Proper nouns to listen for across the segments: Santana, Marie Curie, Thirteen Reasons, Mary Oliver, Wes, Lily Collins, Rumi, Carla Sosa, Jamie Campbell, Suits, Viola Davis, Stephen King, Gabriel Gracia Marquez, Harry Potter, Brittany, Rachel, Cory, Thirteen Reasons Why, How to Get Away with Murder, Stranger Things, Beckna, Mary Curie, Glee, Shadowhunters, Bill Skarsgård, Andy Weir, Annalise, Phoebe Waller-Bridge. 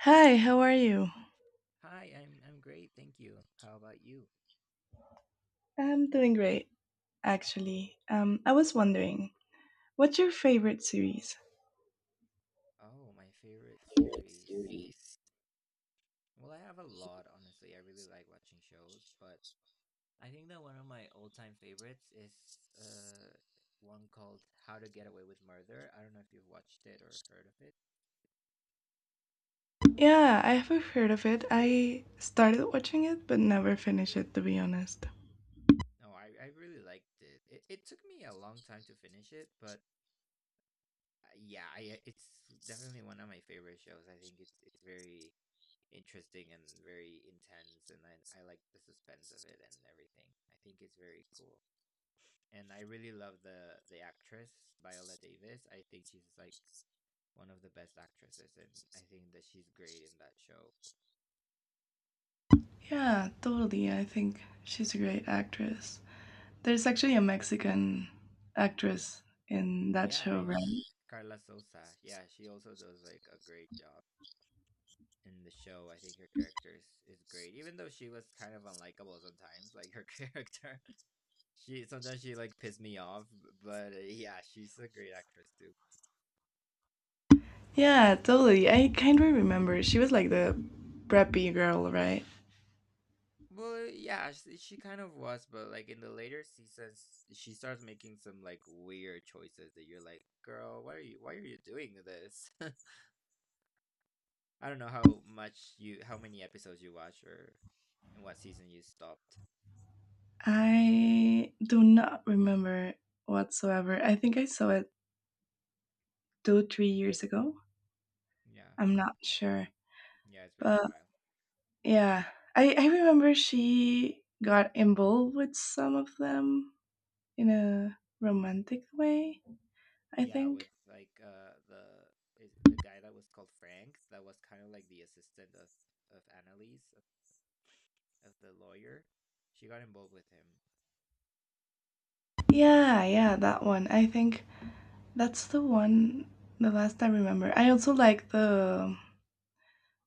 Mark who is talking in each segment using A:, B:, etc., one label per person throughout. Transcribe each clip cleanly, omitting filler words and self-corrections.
A: Hi, how are you?
B: Hi, I'm great, thank you. How about you?
A: I'm doing great, actually. I was wondering, what's your favorite series?
B: Oh, my favorite series. Well, I have a lot, honestly. I really like watching shows, but I think that one of my all-time favorites is uh one called How to Get Away with Murder. I don't know if you've watched it or heard of it.
A: Yeah, I have heard of it. I started watching it, but never finished it, to be honest.
B: No, I really liked it. It took me a long time to finish it, but yeah, I it's definitely one of my favorite shows. I think it's very interesting and very intense, and I like the suspense of it and everything. I think it's very cool, and I really love the actress Viola Davis. I think she's like one of the best actresses, and I think that she's great in that show.
A: Yeah, totally. I think she's a great actress. There's actually a Mexican actress in that
B: Yeah,
A: show, right?
B: yeah, Carla Sosa. Yeah, she also does like a great job in the show. I think her character is great, even though she was kind of unlikable sometimes, like her character. She sometimes she like pissed me off, but yeah, she's a great actress too.
A: Yeah, totally. I kind of remember. She was like the preppy girl, right?
B: Well, yeah, she kind of was, but like in the later seasons, she starts making some like weird choices that you're like, girl, why are you doing this? I don't know how many episodes you watch or in what season you stopped.
A: I do not remember whatsoever. I think I saw it two, 3 years ago.
B: Yeah,
A: I'm not sure.
B: yeah, it's been a
A: But
B: while.
A: yeah, I remember she got involved with some of them in a romantic way, I
B: Yeah, with
A: think.
B: like the is it the guy that was called Frank that was kind of like the assistant of Annalise of the lawyer. She got involved with him.
A: Yeah, yeah, that one. I think that's the one the last I remember. I also like the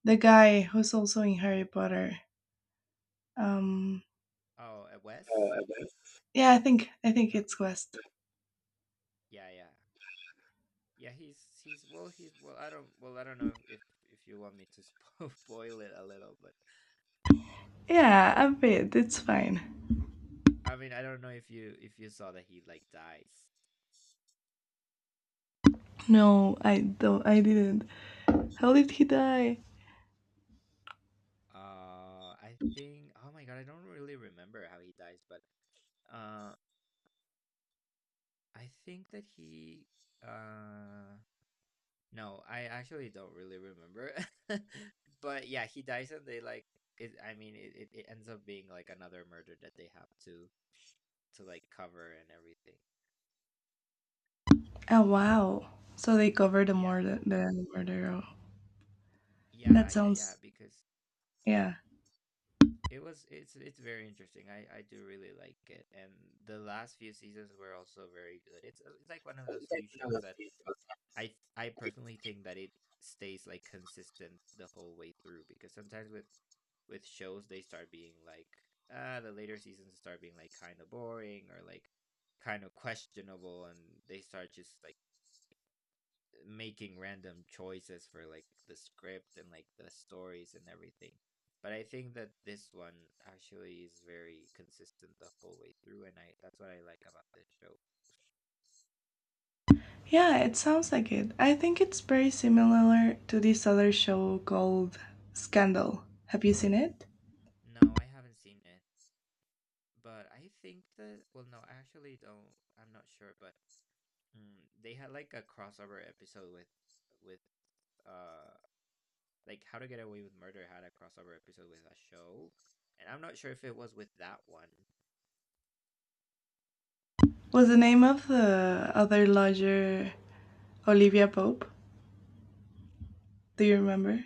A: the guy who's also in Harry Potter. Um
B: Oh, Wes?
A: yeah, I think
B: No,
A: it's West.
B: yeah, yeah, yeah. He's well, he's well. I don't well, I don't know if you want me to spoil it a little, but
A: Yeah, a bit. It's fine.
B: I mean, I don't know if you saw that he like dies.
A: No, I don't. I didn't. How did he die?
B: I think. Oh my god, I don't really remember how he dies, but uh, I think that he uh no, I actually don't really remember. But yeah, he dies and they like it I mean it, it, it ends up being like another murder that they have to like cover and everything.
A: Oh, wow! So they covered the
B: Yeah.
A: murder. The murder. Oh,
B: Yeah,
A: that
B: yeah, yeah,
A: sounds.
B: because yeah,
A: Yeah.
B: it was it's very interesting. I do really like it. And the last few seasons were also very good. It's like one of those few shows that I personally think that it stays like consistent the whole way through because sometimes with shows they start being like the later seasons start being like kind of boring or like kind of questionable, and they start just like making random choices for like the script and like the stories and everything. But I think that this one actually is very consistent the whole way through, and I that's what I like about this show.
A: Yeah, it sounds like it. I think it's very similar to this other show called Scandal. Have you seen it?
B: No, I haven't seen it. But I think that well, no, I actually don't. I'm not sure, but they had like a crossover episode with uh like How to Get Away with Murder had a crossover episode with a show, and I'm not sure if it was with that one.
A: Was the name of the other lodger Olivia Pope? Do you
B: Mm,
A: remember?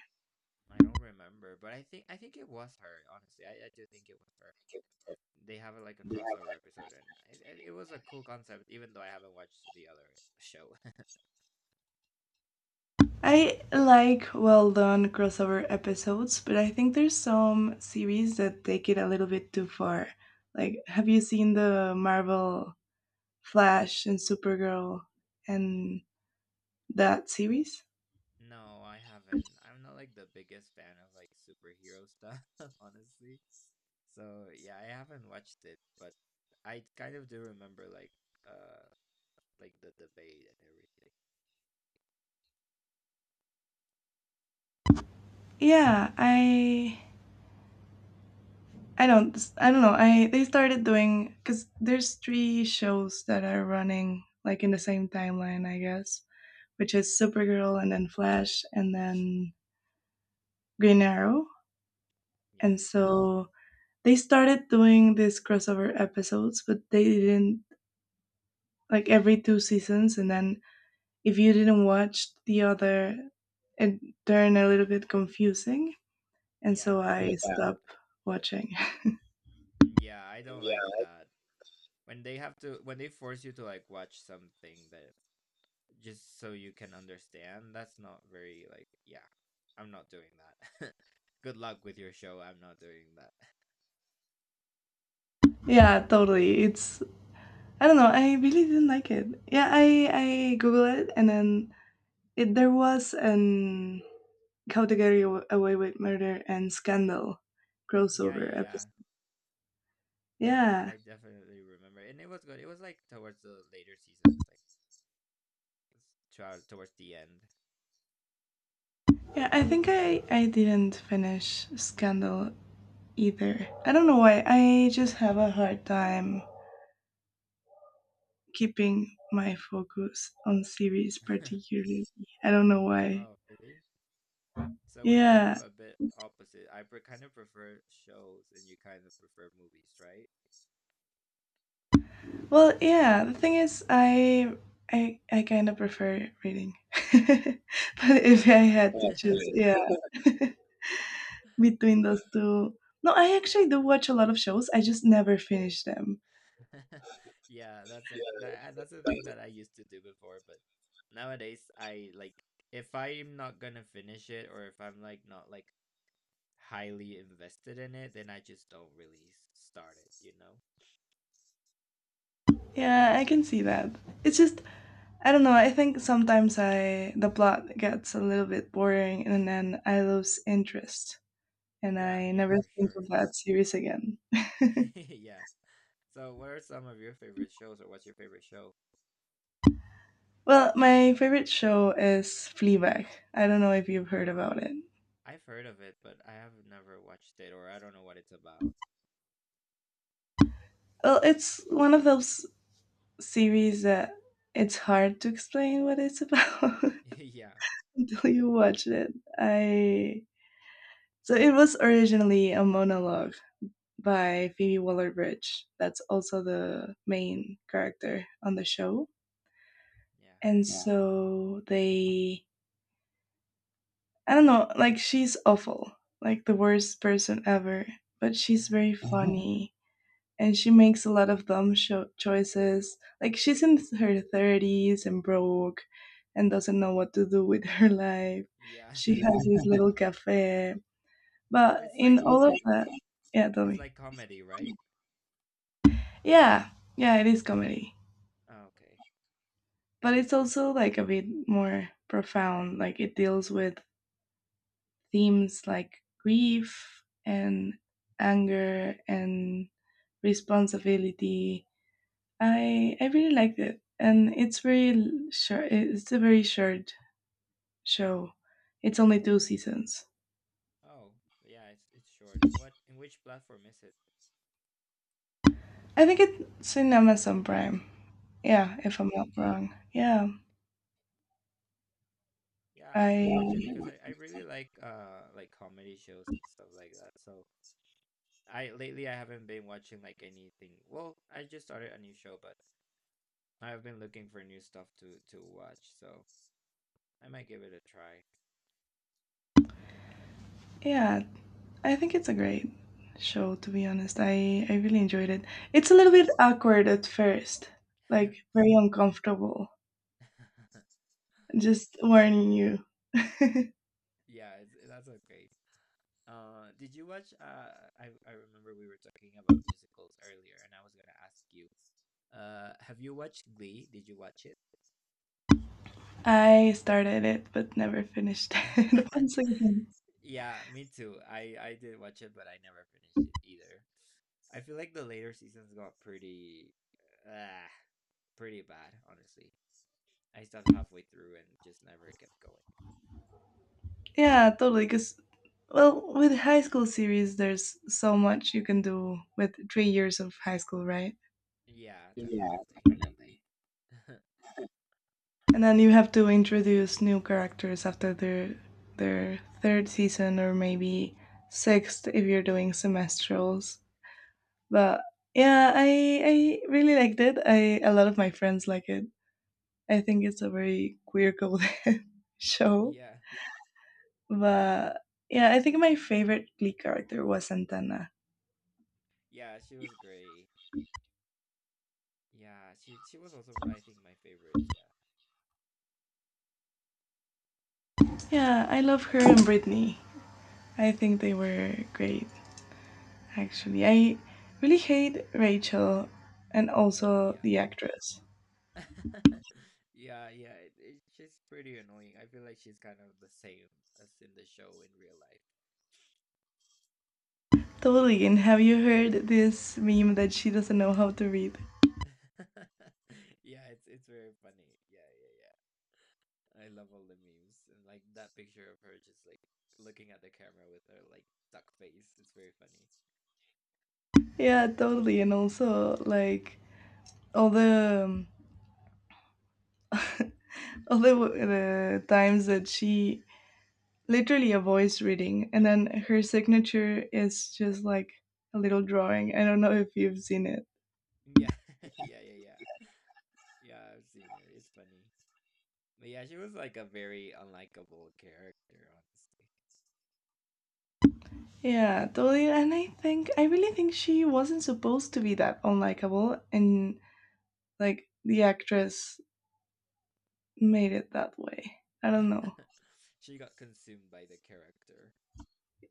B: I don't remember, but I think it was her. Honestly, I do think it was her. They have a, like a crossover episode, and it was a cool concept. Even though I haven't watched the other show,
A: I like well done crossover episodes, but I think there's some series that take it a little bit too far. Like, have you seen the Marvel Flash and Supergirl and that series?
B: no, I haven't. I'm not like the biggest fan of like superhero stuff, honestly. So yeah, I haven't watched it, but I kind of do remember uh like the debate and everything.
A: Yeah, I don't know. I They started doing, cuz there's three shows that are running like in the same timeline, I guess, which is Supergirl and then Flash and then Green Arrow.
B: Yeah.
A: And so they started doing these crossover episodes, but they didn't, like, every two seasons. And then if you didn't watch the other, it turned a little bit confusing. And
B: Yeah.
A: so I, yeah, stopped watching.
B: Yeah, I don't like that. When they force you to like watch something that just so you can understand, that's not very like yeah. I'm not doing that. Good luck with your show. I'm not doing that.
A: Yeah, totally. It's, I don't know, I really didn't like it. Yeah, I Googled it and then there was an How to Get Away with Murder and Scandal
B: Yeah, yeah,
A: crossover
B: yeah.
A: episode.
B: Yeah,
A: Yeah.
B: I definitely remember. And it was good. It was like towards the later seasons, like s- towards the end.
A: Yeah, I think I didn't finish Scandal either. I don't know why. I just have a hard time keeping my focus on series particularly. I don't know why.
B: Oh, really? So we're kind
A: Yeah.
B: of a bit opposite. I pre kind of prefer shows and you kind of prefer movies, right?
A: Well, yeah, the thing is I kind of prefer reading. But if
B: Oh,
A: I
B: right.
A: had to choose, yeah, between those two. No, I actually do watch a lot of shows. I just never finish them.
B: Yeah, that, that's a thing that I used to do before, but nowadays I like if I'm not gonna finish it or if I'm like not like highly invested in it, then I just don't really start it, you know?
A: Yeah, I can see that. It's just, I don't know, I think sometimes I the plot gets a little bit boring and then I lose interest, and
B: Yeah,
A: I
B: yeah,
A: never
B: for
A: think
B: sure.
A: of that series again.
B: Yeah. So what are some of your favorite shows, or what's your favorite show?
A: Well, my favorite show is Fleabag. I don't know if you've heard about it.
B: I've heard of it, but I have never watched it, or I don't know what it's about.
A: Well, it's one of those series that it's hard to explain what it's about
B: Yeah,
A: until you watch it. I so it was originally a monologue by Phoebe Waller-Bridge. That's also the main character on the show,
B: yeah.
A: and yeah, so they, I don't know, like, she's awful, like the worst person ever, but she's very, mhm, funny, and she makes a lot of dumb sho choices, like she's in her 30s and broke and doesn't know what to do with her life.
B: Yeah.
A: She has this little cafe,
B: So
A: but in all of that, yeah, tell
B: it's
A: me.
B: like comedy, right?
A: Yeah, yeah, it is comedy,
B: Oh, okay.
A: but it's also like a bit more profound, like it deals with themes like grief and anger and responsibility. I really liked it, and it's very short. It's a very short show. It's only two seasons.
B: Oh, yeah, it's short. In which platform is it?
A: I think it's in Amazon Prime. Yeah,
B: Oh,
A: if
B: okay.
A: I'm not wrong. Yeah,
B: Yeah, I might watch it
A: I
B: because I really like comedy shows and stuff like that. So I lately I haven't been watching like anything. Well, I just started a new show, but I've been looking for new stuff to watch, so I might give it a try.
A: yeah, I think it's a great show. To be honest, I really enjoyed it. It's a little bit awkward at first, like very uncomfortable. Just warning you.
B: Yeah, it's, eh, that's okay. Did you watch? I remember we were talking about musicals earlier, and I was gonna ask you. Have you watched Glee? Did you watch it?
A: I started it but never finished it once again.
B: Yeah, me too. I did watch it, but I never finished it either. I feel like the later seasons got pretty, uh, pretty bad. Honestly, I stopped halfway through and just never kept going.
A: Yeah, totally. Because, well, with high school series, there's so much you can do with 3 years of high school, right?
B: Yeah,
A: Yeah,
B: definitely.
A: definitely. And then you have to introduce new characters after their third season, or maybe sixth if you're doing semestrals. But yeah, I really liked it. I A lot of my friends like it. I think it's a very queer coded show.
B: Yeah,
A: But yeah, I think my favorite Glee character was Santana.
B: yeah, she was great. Yeah, she was also I think my favorite.
A: Yeah, I love her and Brittany. I think they were great, actually. I really hate Rachel, and also
B: Yeah.
A: the actress.
B: Yeah. Yeah, yeah. She's pretty annoying. I feel like she's kind of the same as in the show in real
A: Totally, and have you heard this meme that she doesn't know how to read?
B: life. Yeah, it's very funny. Yeah, yeah, yeah. I love all the memes and like that picture of her just like looking at the camera with her like duck face. It's very funny.
A: Yeah, totally, and also like all the the times that she literally a voice reading, and then her signature is just like a little drawing. I don't know if you've seen it.
B: Yeah. Yeah, yeah, yeah. Yeah, I've seen it. It's funny. But yeah, she was like a very unlikable character, honestly.
A: Yeah, totally. And I really think she wasn't supposed to be that unlikable, and like the actress made it that way. I don't know.
B: she got consumed by the character.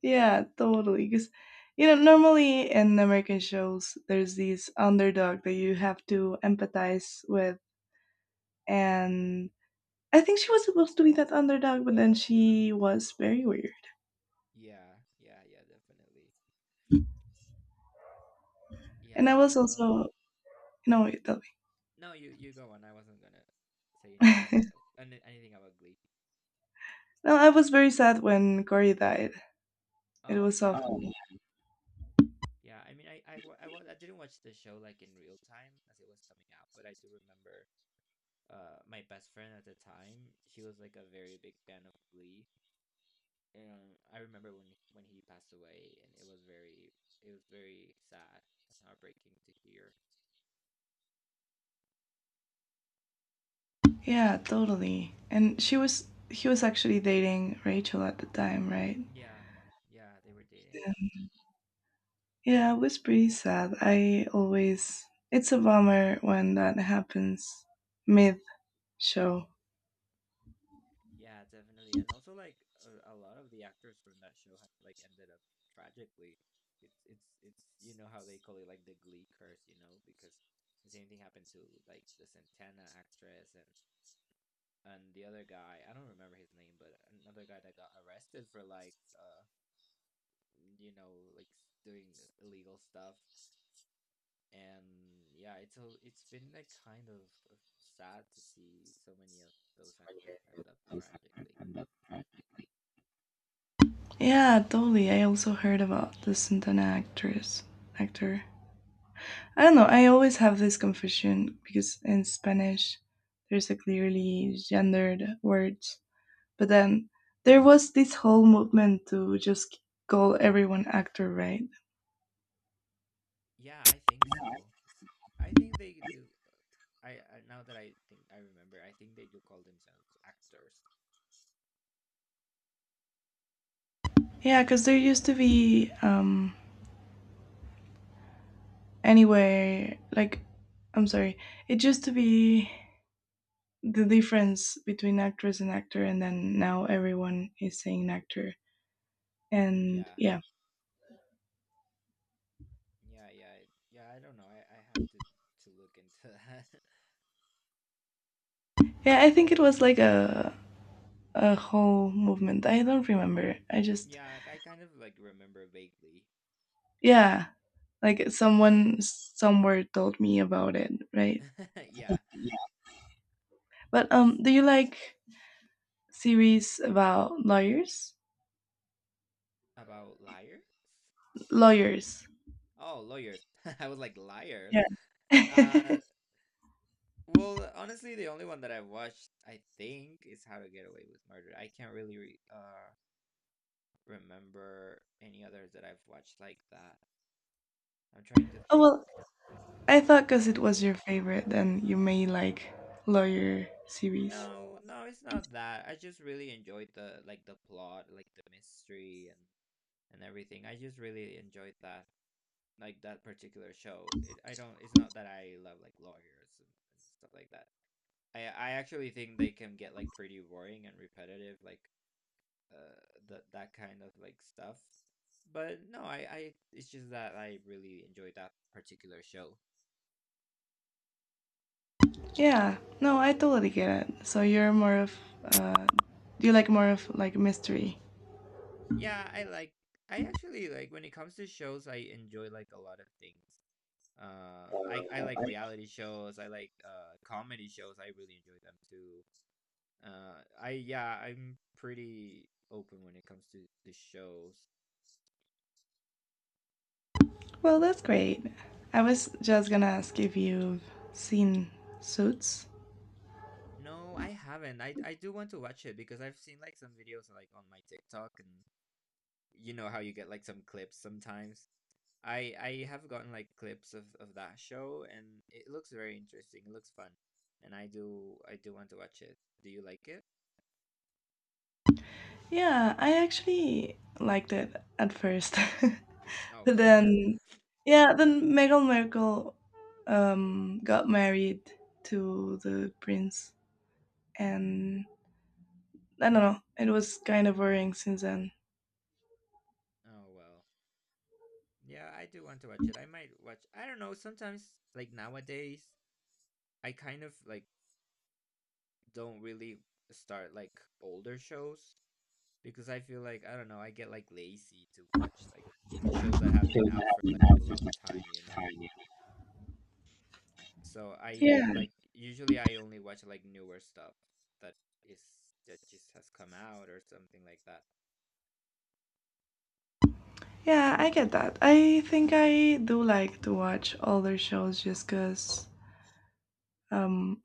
A: Yeah, totally. Because, you know, normally in American shows, there's this underdog that you have to empathize with, and I think she was supposed to be that underdog, but then she was very weird.
B: Yeah, yeah, yeah, definitely.
A: And
B: Yeah,
A: I
B: but
A: was
B: well,
A: also. No, wait, tell
B: no, you go on. I wasn't gonna say anything about
A: me.
B: it, anything about Glee.
A: No, I was very sad when Cory died. It
B: Oh
A: was
B: yeah,
A: awful. Oh.
B: yeah. I mean, I didn't watch the show like in real time as it was coming out, but I do remember. My best friend at the time, she was like a very big fan of Glee, and I remember when he passed away, and it was very sad and heartbreaking to hear.
A: Yeah, totally. And she was he was actually dating Rachel at the time, right?
B: Yeah. Yeah, they were dating.
A: Yeah, it was pretty sad. I always It's a bummer when that happens mid show.
B: Yeah, definitely. And also like a lot of the actors from that show have like ended up tragically. It's you know how they call it like the Glee curse, you know, because the same thing happened to like the Santana actress and the other guy, I don't remember his name, but another guy that got arrested for like you know, like doing illegal stuff. And yeah, it's been like kind of sad to see so many of those actors end up tragically.
A: Yeah, totally. I also heard about the Santana actress actor. I don't know, I always have this confusion because in Spanish there's a clearly gendered word. But then there was this whole movement to just call everyone actor, right?
B: Yeah, I think so. I think they do. I now that I think I remember, I think they do call themselves actors.
A: Yeah, because there used to be, anyway, like, I'm sorry, it used to be the difference between actress and actor, and then now everyone is saying actor. And
B: Yeah,
A: yeah,
B: yeah, yeah, yeah. I don't know. I have to look into that.
A: yeah, I think it was like a whole movement. I don't remember. I just,
B: yeah, I kind of like remember vaguely.
A: yeah, like someone somewhere told me about it, right?
B: yeah,
A: But
B: S-
A: do you like series about lawyers?
B: about liars.
A: Lawyers.
B: Oh, lawyers. I was like liars.
A: Yeah.
B: Uh,
A: Oh,
B: well, honestly, the only one that I've watched, I think, is How to Get Away with Murder. I can't really remember any others that I've watched like that. I'm trying to think,
A: well, I thought because
B: but
A: it was your favorite, then you may like lawyer series.
B: no, no, it's not that. I just really enjoyed the like the plot, like the mystery and everything. I just really enjoyed that, like that particular show. It, I don't. It's not that I love like lawyers and stuff like that. I actually think they can get like pretty boring and repetitive, like uh that that kind of like stuff. But no, I it's just that I really enjoyed that particular show.
A: Yeah. No, I totally get it. So you're more of, uh, you like more of like mystery.
B: Yeah, I like I actually like when it comes to shows I enjoy like a lot of things. I like reality shows, I like comedy shows. I really enjoy them too. I yeah, I'm pretty open when it comes to the shows.
A: Well, that's great. I was just gonna ask if you've seen Suits.
B: No, I haven't. I do want to watch it because I've seen like some videos like on my TikTok, and you know how you get like some clips sometimes I have gotten like clips of that show, and it looks very interesting. It looks fun, and I do want to watch it. Do you like it?
A: Yeah, I actually liked it at first.
B: Oh,
A: Then, yeah, then Meghan Markle got married to the prince, and I don't know, it was kind of boring since then.
B: oh well. Yeah, I do want to watch it. I might watch. I don't know. Sometimes, like nowadays, I kind of like don't really start like older shows because I feel like I don't know. I get like lazy to watch like shows that have been out for like a long time. You know. So I
A: Yeah,
B: like usually I only watch like newer stuff that is that just has come out or something like that.
A: yeah, I get that. I think I do like to watch older shows just because, um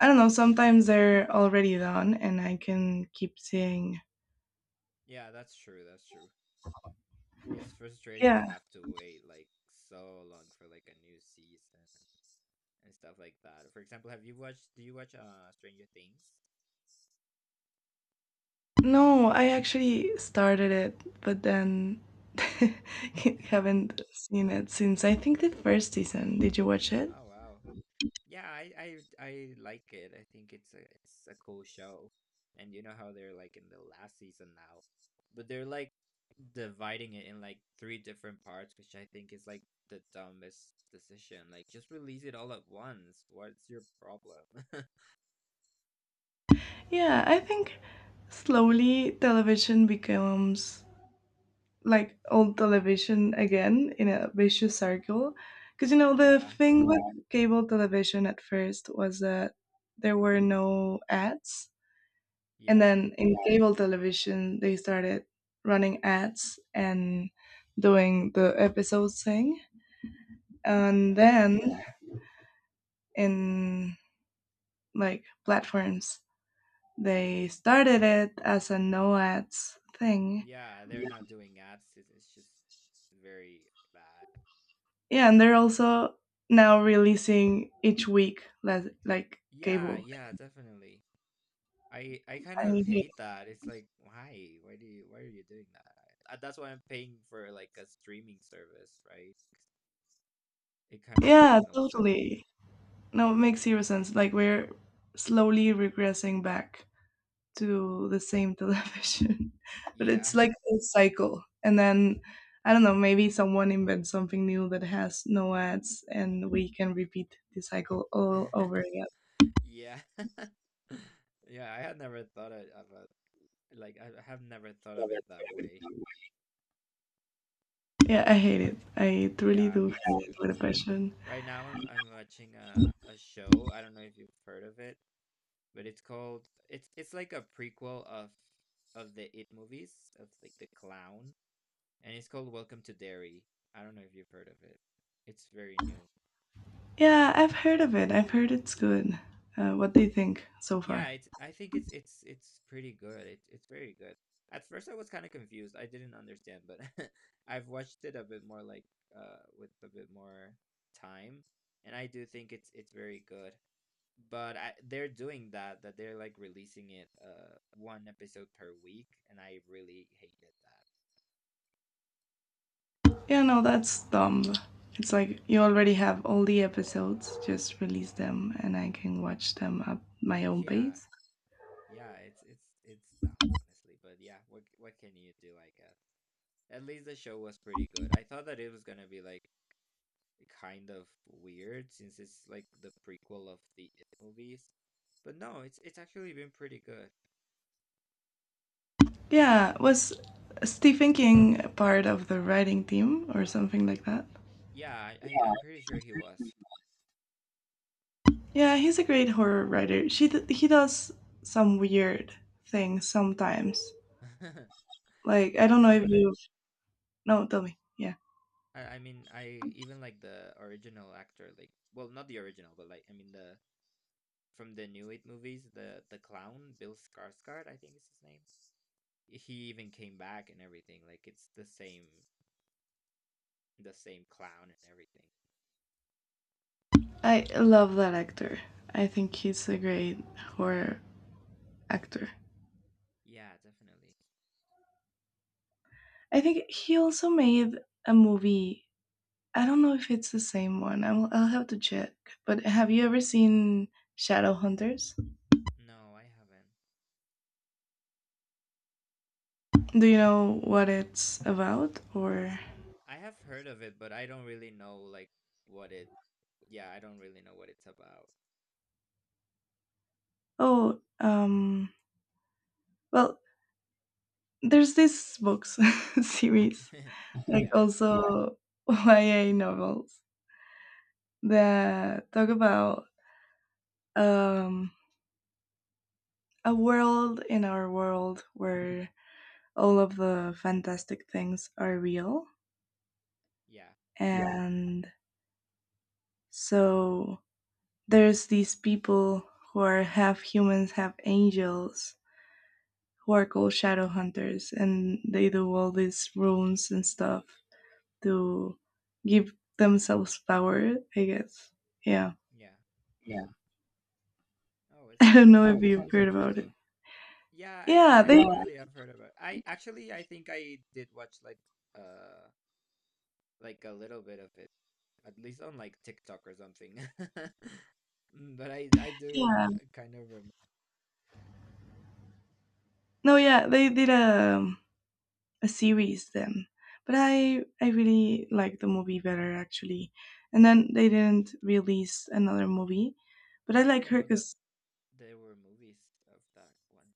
A: I don't know, sometimes they're already done and I can keep seeing.
B: Yeah, that's true. That's true. It's frustrating
A: Yeah.
B: to have to wait like so long for like a new season and stuff like that. For example, have you watched do you watch Stranger Things?
A: No, I actually started it, but then
B: You
A: haven't seen it since, I think, the first season. Did you watch it?
B: oh wow. Yeah, I I like it. I think it's a cool show. And you know how they're like in the last season now, but they're like dividing it in like three different parts, which I think is like the dumbest decision. Like just release it all at once. What's your problem?
A: Yeah, I think slowly television becomes like old television again in a vicious circle. Because, you know, the
B: Yeah,
A: thing with cable television at first was that there were no ads, and
B: yeah,
A: then in cable television, they started running ads and doing the episode thing, and
B: yeah.
A: then in like platforms they started it as a no ads thing.
B: Yeah, they're
A: Yeah.
B: not doing ads. It's just very bad.
A: Yeah, and they're also now releasing each week, like
B: Yeah,
A: cable.
B: yeah, definitely. I kind
A: I
B: of
A: hate it.
B: hate that. It's like, why? Why do you? Why are you doing that? That's why I'm paying for like a streaming service, right? It kind of
A: Yeah,
B: makes no sense.
A: totally. No, it makes zero sense, like we're slowly regressing back to the same television. But
B: Yeah,
A: it's like a cycle. And then, I don't know, maybe someone invents something new that has no ads and we can repeat the cycle all over again.
B: yeah, yeah. I have never thought of it that way.
A: Yeah, I hate it. I truly
B: Yeah,
A: do
B: me
A: hate it
B: too.
A: with a passion.
B: Right now, I'm watching a show. I don't know if you've heard of it, but it's like a prequel of the It movies of like the clown and it's called Welcome to Derry. I don't know if you've heard of it. It's very new.
A: Yeah, I've heard of it. I've heard it's good. What do you think so
B: Yeah,
A: far?
B: it's I think it's pretty good. It's very good. At first I was kind of confused. I didn't understand, but I've watched it a bit more like with a bit more time, and I do think it's very good. They're doing that that they're like releasing it one episode per week, and I really hated
A: Yeah, no, that's dumb. It's like you already have all the episodes, just release them and I can watch them at my own
B: that. Yeah.
A: pace.
B: Yeah, it's dumb, honestly. But yeah, what can you do, I guess? At least the show was pretty good. I thought that it was gonna be like kind of weird since it's like the prequel of the It movies, but no, it's actually been pretty good.
A: Yeah, was Stephen King part of the writing team or something like that?
B: Yeah, I'm pretty sure he was.
A: Yeah, he's a great horror writer. He does some weird things sometimes. Like, I
B: yeah,
A: don't know
B: no,
A: if
B: but I,
A: you've. No, tell me. Yeah,
B: I mean I even like the original actor, like well not the original, but like I mean the from the new It movies, the clown Bill Skarsgård, I think is his name. He even came back and everything. Like it's the same clown and everything.
A: I love that actor. I think he's a great horror actor.
B: Yeah, definitely.
A: I think he also made a movie. I don't know if it's the same one. I'll have to check. But have you ever seen Shadowhunters?
B: No, I haven't.
A: Do you know what it's about? Or,
B: Mm, I have heard of it, but I don't really know like what it. Yeah, I don't really know what it's about.
A: oh, well, there's this books series, like
B: Yeah,
A: also YA novels that talk about, um, a world in our world where all of the fantastic things are real,
B: yeah,
A: and so there's these people who are half humans, half angels, who are called shadow hunters, and they do all these runes and stuff to give themselves power, I guess. Yeah.
B: yeah.
A: Yeah.
B: Oh, it
A: I
B: sounds
A: don't know. Oh, if
B: interesting.
A: you've heard about it.
B: Yeah, I,
A: Yeah,
B: I
A: they. No,
B: definitely have heard about. I actually I think I did watch uh like a little bit of it, at least on like TikTok or something. Mm, But I do
A: yeah,
B: kind of remember.
A: no, yeah, they did a series then, but I really liked the movie better, actually, and then they didn't release another movie, but I
B: I
A: like
B: didn't
A: her
B: know that
A: because.
B: there were movies of that one.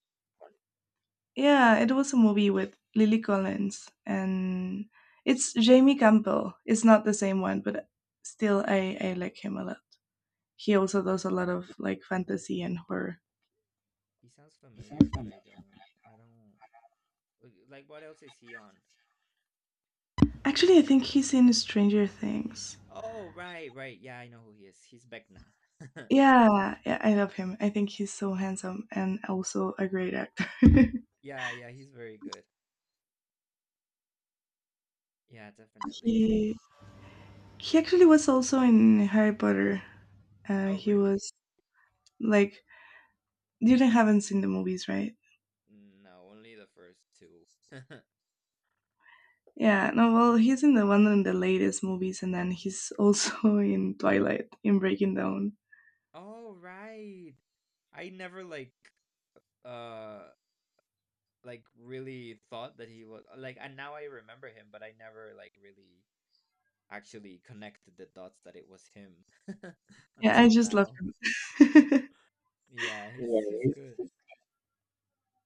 A: Yeah, it was a movie with Lily Collins, and it's Jamie Campbell. It's not the same one, but still, I like him a lot. He also does a lot of like fantasy and horror.
B: He sounds familiar, but I don't. Like what else is he on?
A: Actually, I think he's in Stranger Things.
B: Oh, right, right. Yeah, I know who he is. He's Beckna.
A: Yeah, yeah, I love him. I think he's so handsome and also a great actor.
B: Yeah, yeah, he's very good. Yeah, definitely.
A: he he actually was also in Harry Potter.
B: Oh,
A: He
B: really?
A: was like, you haven't seen the movies, right?
B: No, only the first two.
A: Yeah, no, well, he's in the one in the latest movies, and then he's also in Twilight, in Breaking Dawn.
B: Oh, right. I never like uh like really thought that he was like and now I remember him, but I never like really actually connected the dots that it was him
A: Yeah, I
B: until
A: just love
B: now.
A: him.
B: Yeah,
A: Yeah,
B: he's
A: he's,
B: good.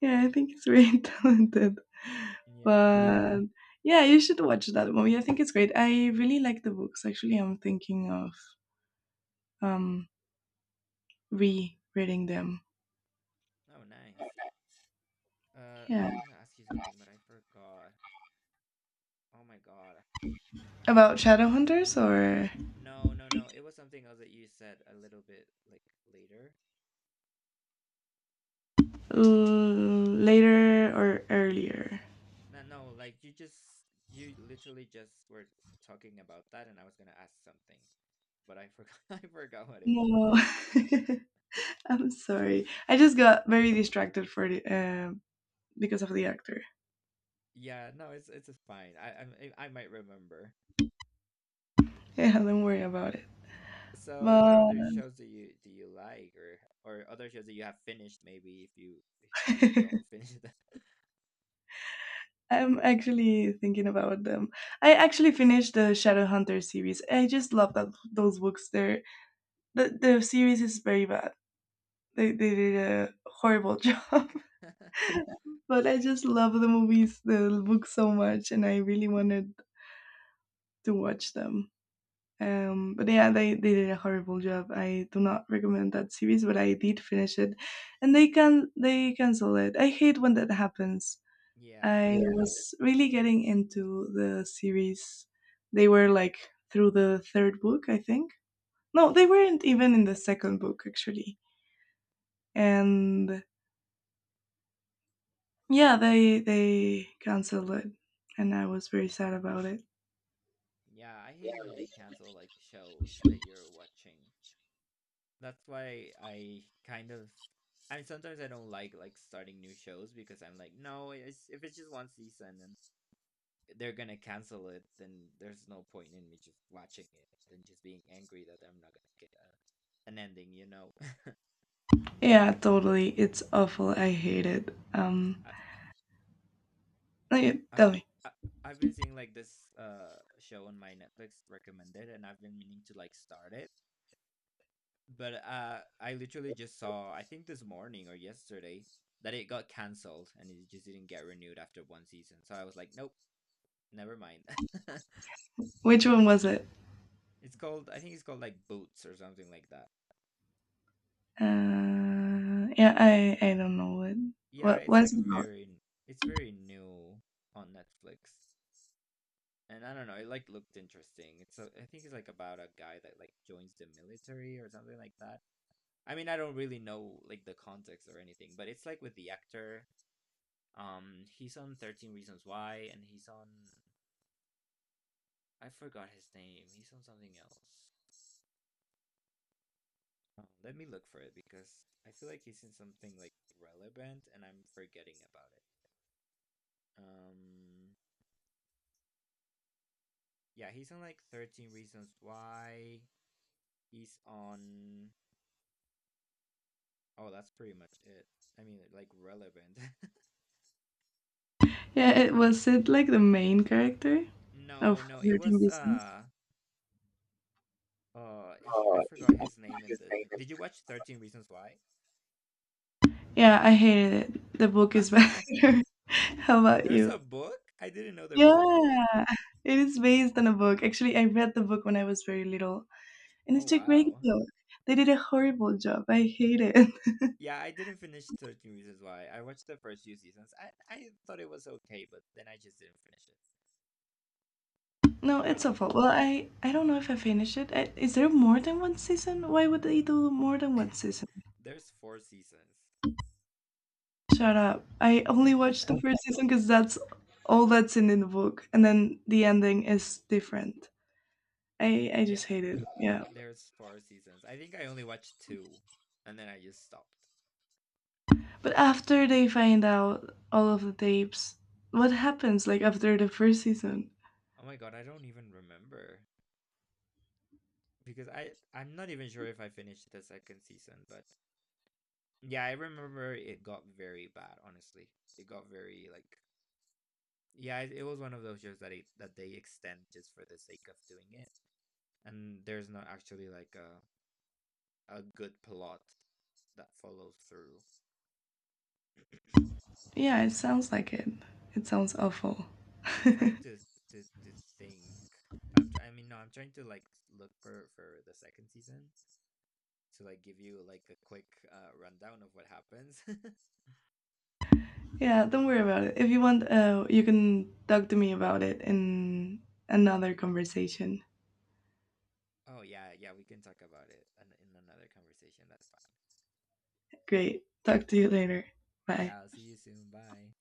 A: yeah, I think he's very talented.
B: Yeah.
A: But yeah, you should watch that movie. I think it's great. I really like the books. Actually, I'm thinking of um re-reading them.
B: Oh, nice. I
A: Yeah,
B: was gonna ask you something, but I forgot. Oh my God.
A: about Shadowhunters, or,
B: No, no, no. It was something else that you said a little bit like later.
A: later or earlier.
B: No, no, like you literally just were talking about that and I was gonna ask something, but I forgot I forgot what it was.
A: No. I'm sorry. I just got very distracted for the, because of the actor.
B: Yeah, no, it's fine. I might remember.
A: Yeah, don't worry about it.
B: So, what
A: But
B: other shows do you like or other shows that you have finished maybe if you don't finish them?
A: I'm actually thinking about them. I actually finished the Shadowhunter series. I just love that those books. They're. The series is very bad. They did a horrible job. But I just love the movies, the books so much, and I really wanted to watch them. But yeah, they did a horrible job. I do not recommend that series, but I did finish it, and they cancel it. I hate when that happens.
B: Yeah.
A: I, yeah, was really getting into the series. They were like through the third book, I think. No, they weren't even in the second book, actually. And yeah, they canceled it, and I was very sad about it.
B: Yeah, I hate when they cancel like shows that you're watching. That's why I kind of I mean, sometimes I don't like starting new shows because I'm like, no, if it's just one season and they're gonna cancel it, then there's no point in me just watching it and just being angry that I'm not gonna get an ending. You know,
A: Yeah, totally. It's awful. I hate it.
B: I,
A: Okay,
B: I've
A: tell me.
B: I, I've been seeing like this show on my Netflix recommended, and I've been meaning to like start it But I literally just saw, I think this morning or yesterday, that it got canceled and it just didn't get renewed after one season. So I was like, nope, never mind.
A: Which one was it?
B: It's called, I think it's called like Boots or something like that.
A: Yeah, I don't know what
B: Yeah,
A: what
B: it's like
A: was it about.
B: very, it's very new on Netflix. And I don't know, it like looked interesting. I think it's like about a guy that like joins the military or something like that. I mean, I don't really know like the context or anything, but it's like with the actor he's on 13 Reasons Why, and he's on I forgot his name. He's on something else. Let me look for it because I feel like he's in something like relevant, and I'm forgetting about it. Um, yeah, he's on like 13 Reasons Why. He's on. Oh, that's pretty much it. I mean, like relevant.
A: Yeah, it was it like the main character of
B: no, no, it
A: 13
B: was
A: Reasons.
B: he, I
A: Oh, yeah,
B: forgot
A: I
B: his
A: forgot
B: name in
A: his
B: the.
A: name.
B: Did you watch 13 Reasons Why?
A: Yeah, I hated it. The book is better. How about
B: There's
A: you?
B: a book? I didn't know there was a book.
A: Yeah, it is based on a book. Actually, I read the book when I was very little, and
B: Oh
A: it's a great
B: wow.
A: book. They did a horrible job. I hate it.
B: Yeah, I didn't finish 13 Reasons Why. I watched the first few seasons. I thought it was okay, but then I just didn't finish it.
A: No, it's
B: Uh,
A: awful. Well, I don't know if I finished it. Is there more than one season? Why would they do more than one season?
B: there's four seasons.
A: Shut up. I only watched the first season because that's all that's in the book. And then the ending is different. I just
B: Yeah,
A: hate
B: no.
A: it. Yeah.
B: There's four seasons. I think I only watched two and then I just stopped.
A: But after they find out all of the tapes, what happens, like, after the first season?
B: Oh my god, I don't even remember because I'm not even sure if I finished the second season, but yeah, I remember it got very bad, honestly. It got very like yeah, it was one of those shows that they extend just for the sake of doing it. And there's not actually like a good plot that follows through.
A: Yeah, it sounds like it. It sounds awful.
B: I'm trying to think. I'm tr- I mean no, I'm trying to like look for the second season to like give you like a quick rundown of what happens.
A: Yeah, don't worry about it. If you want, you can talk to me about it in another conversation.
B: oh yeah, yeah, we can talk about it in another conversation. That's fine.
A: Great. Talk to you later. Bye.
B: Yeah, I'll see you soon. Bye.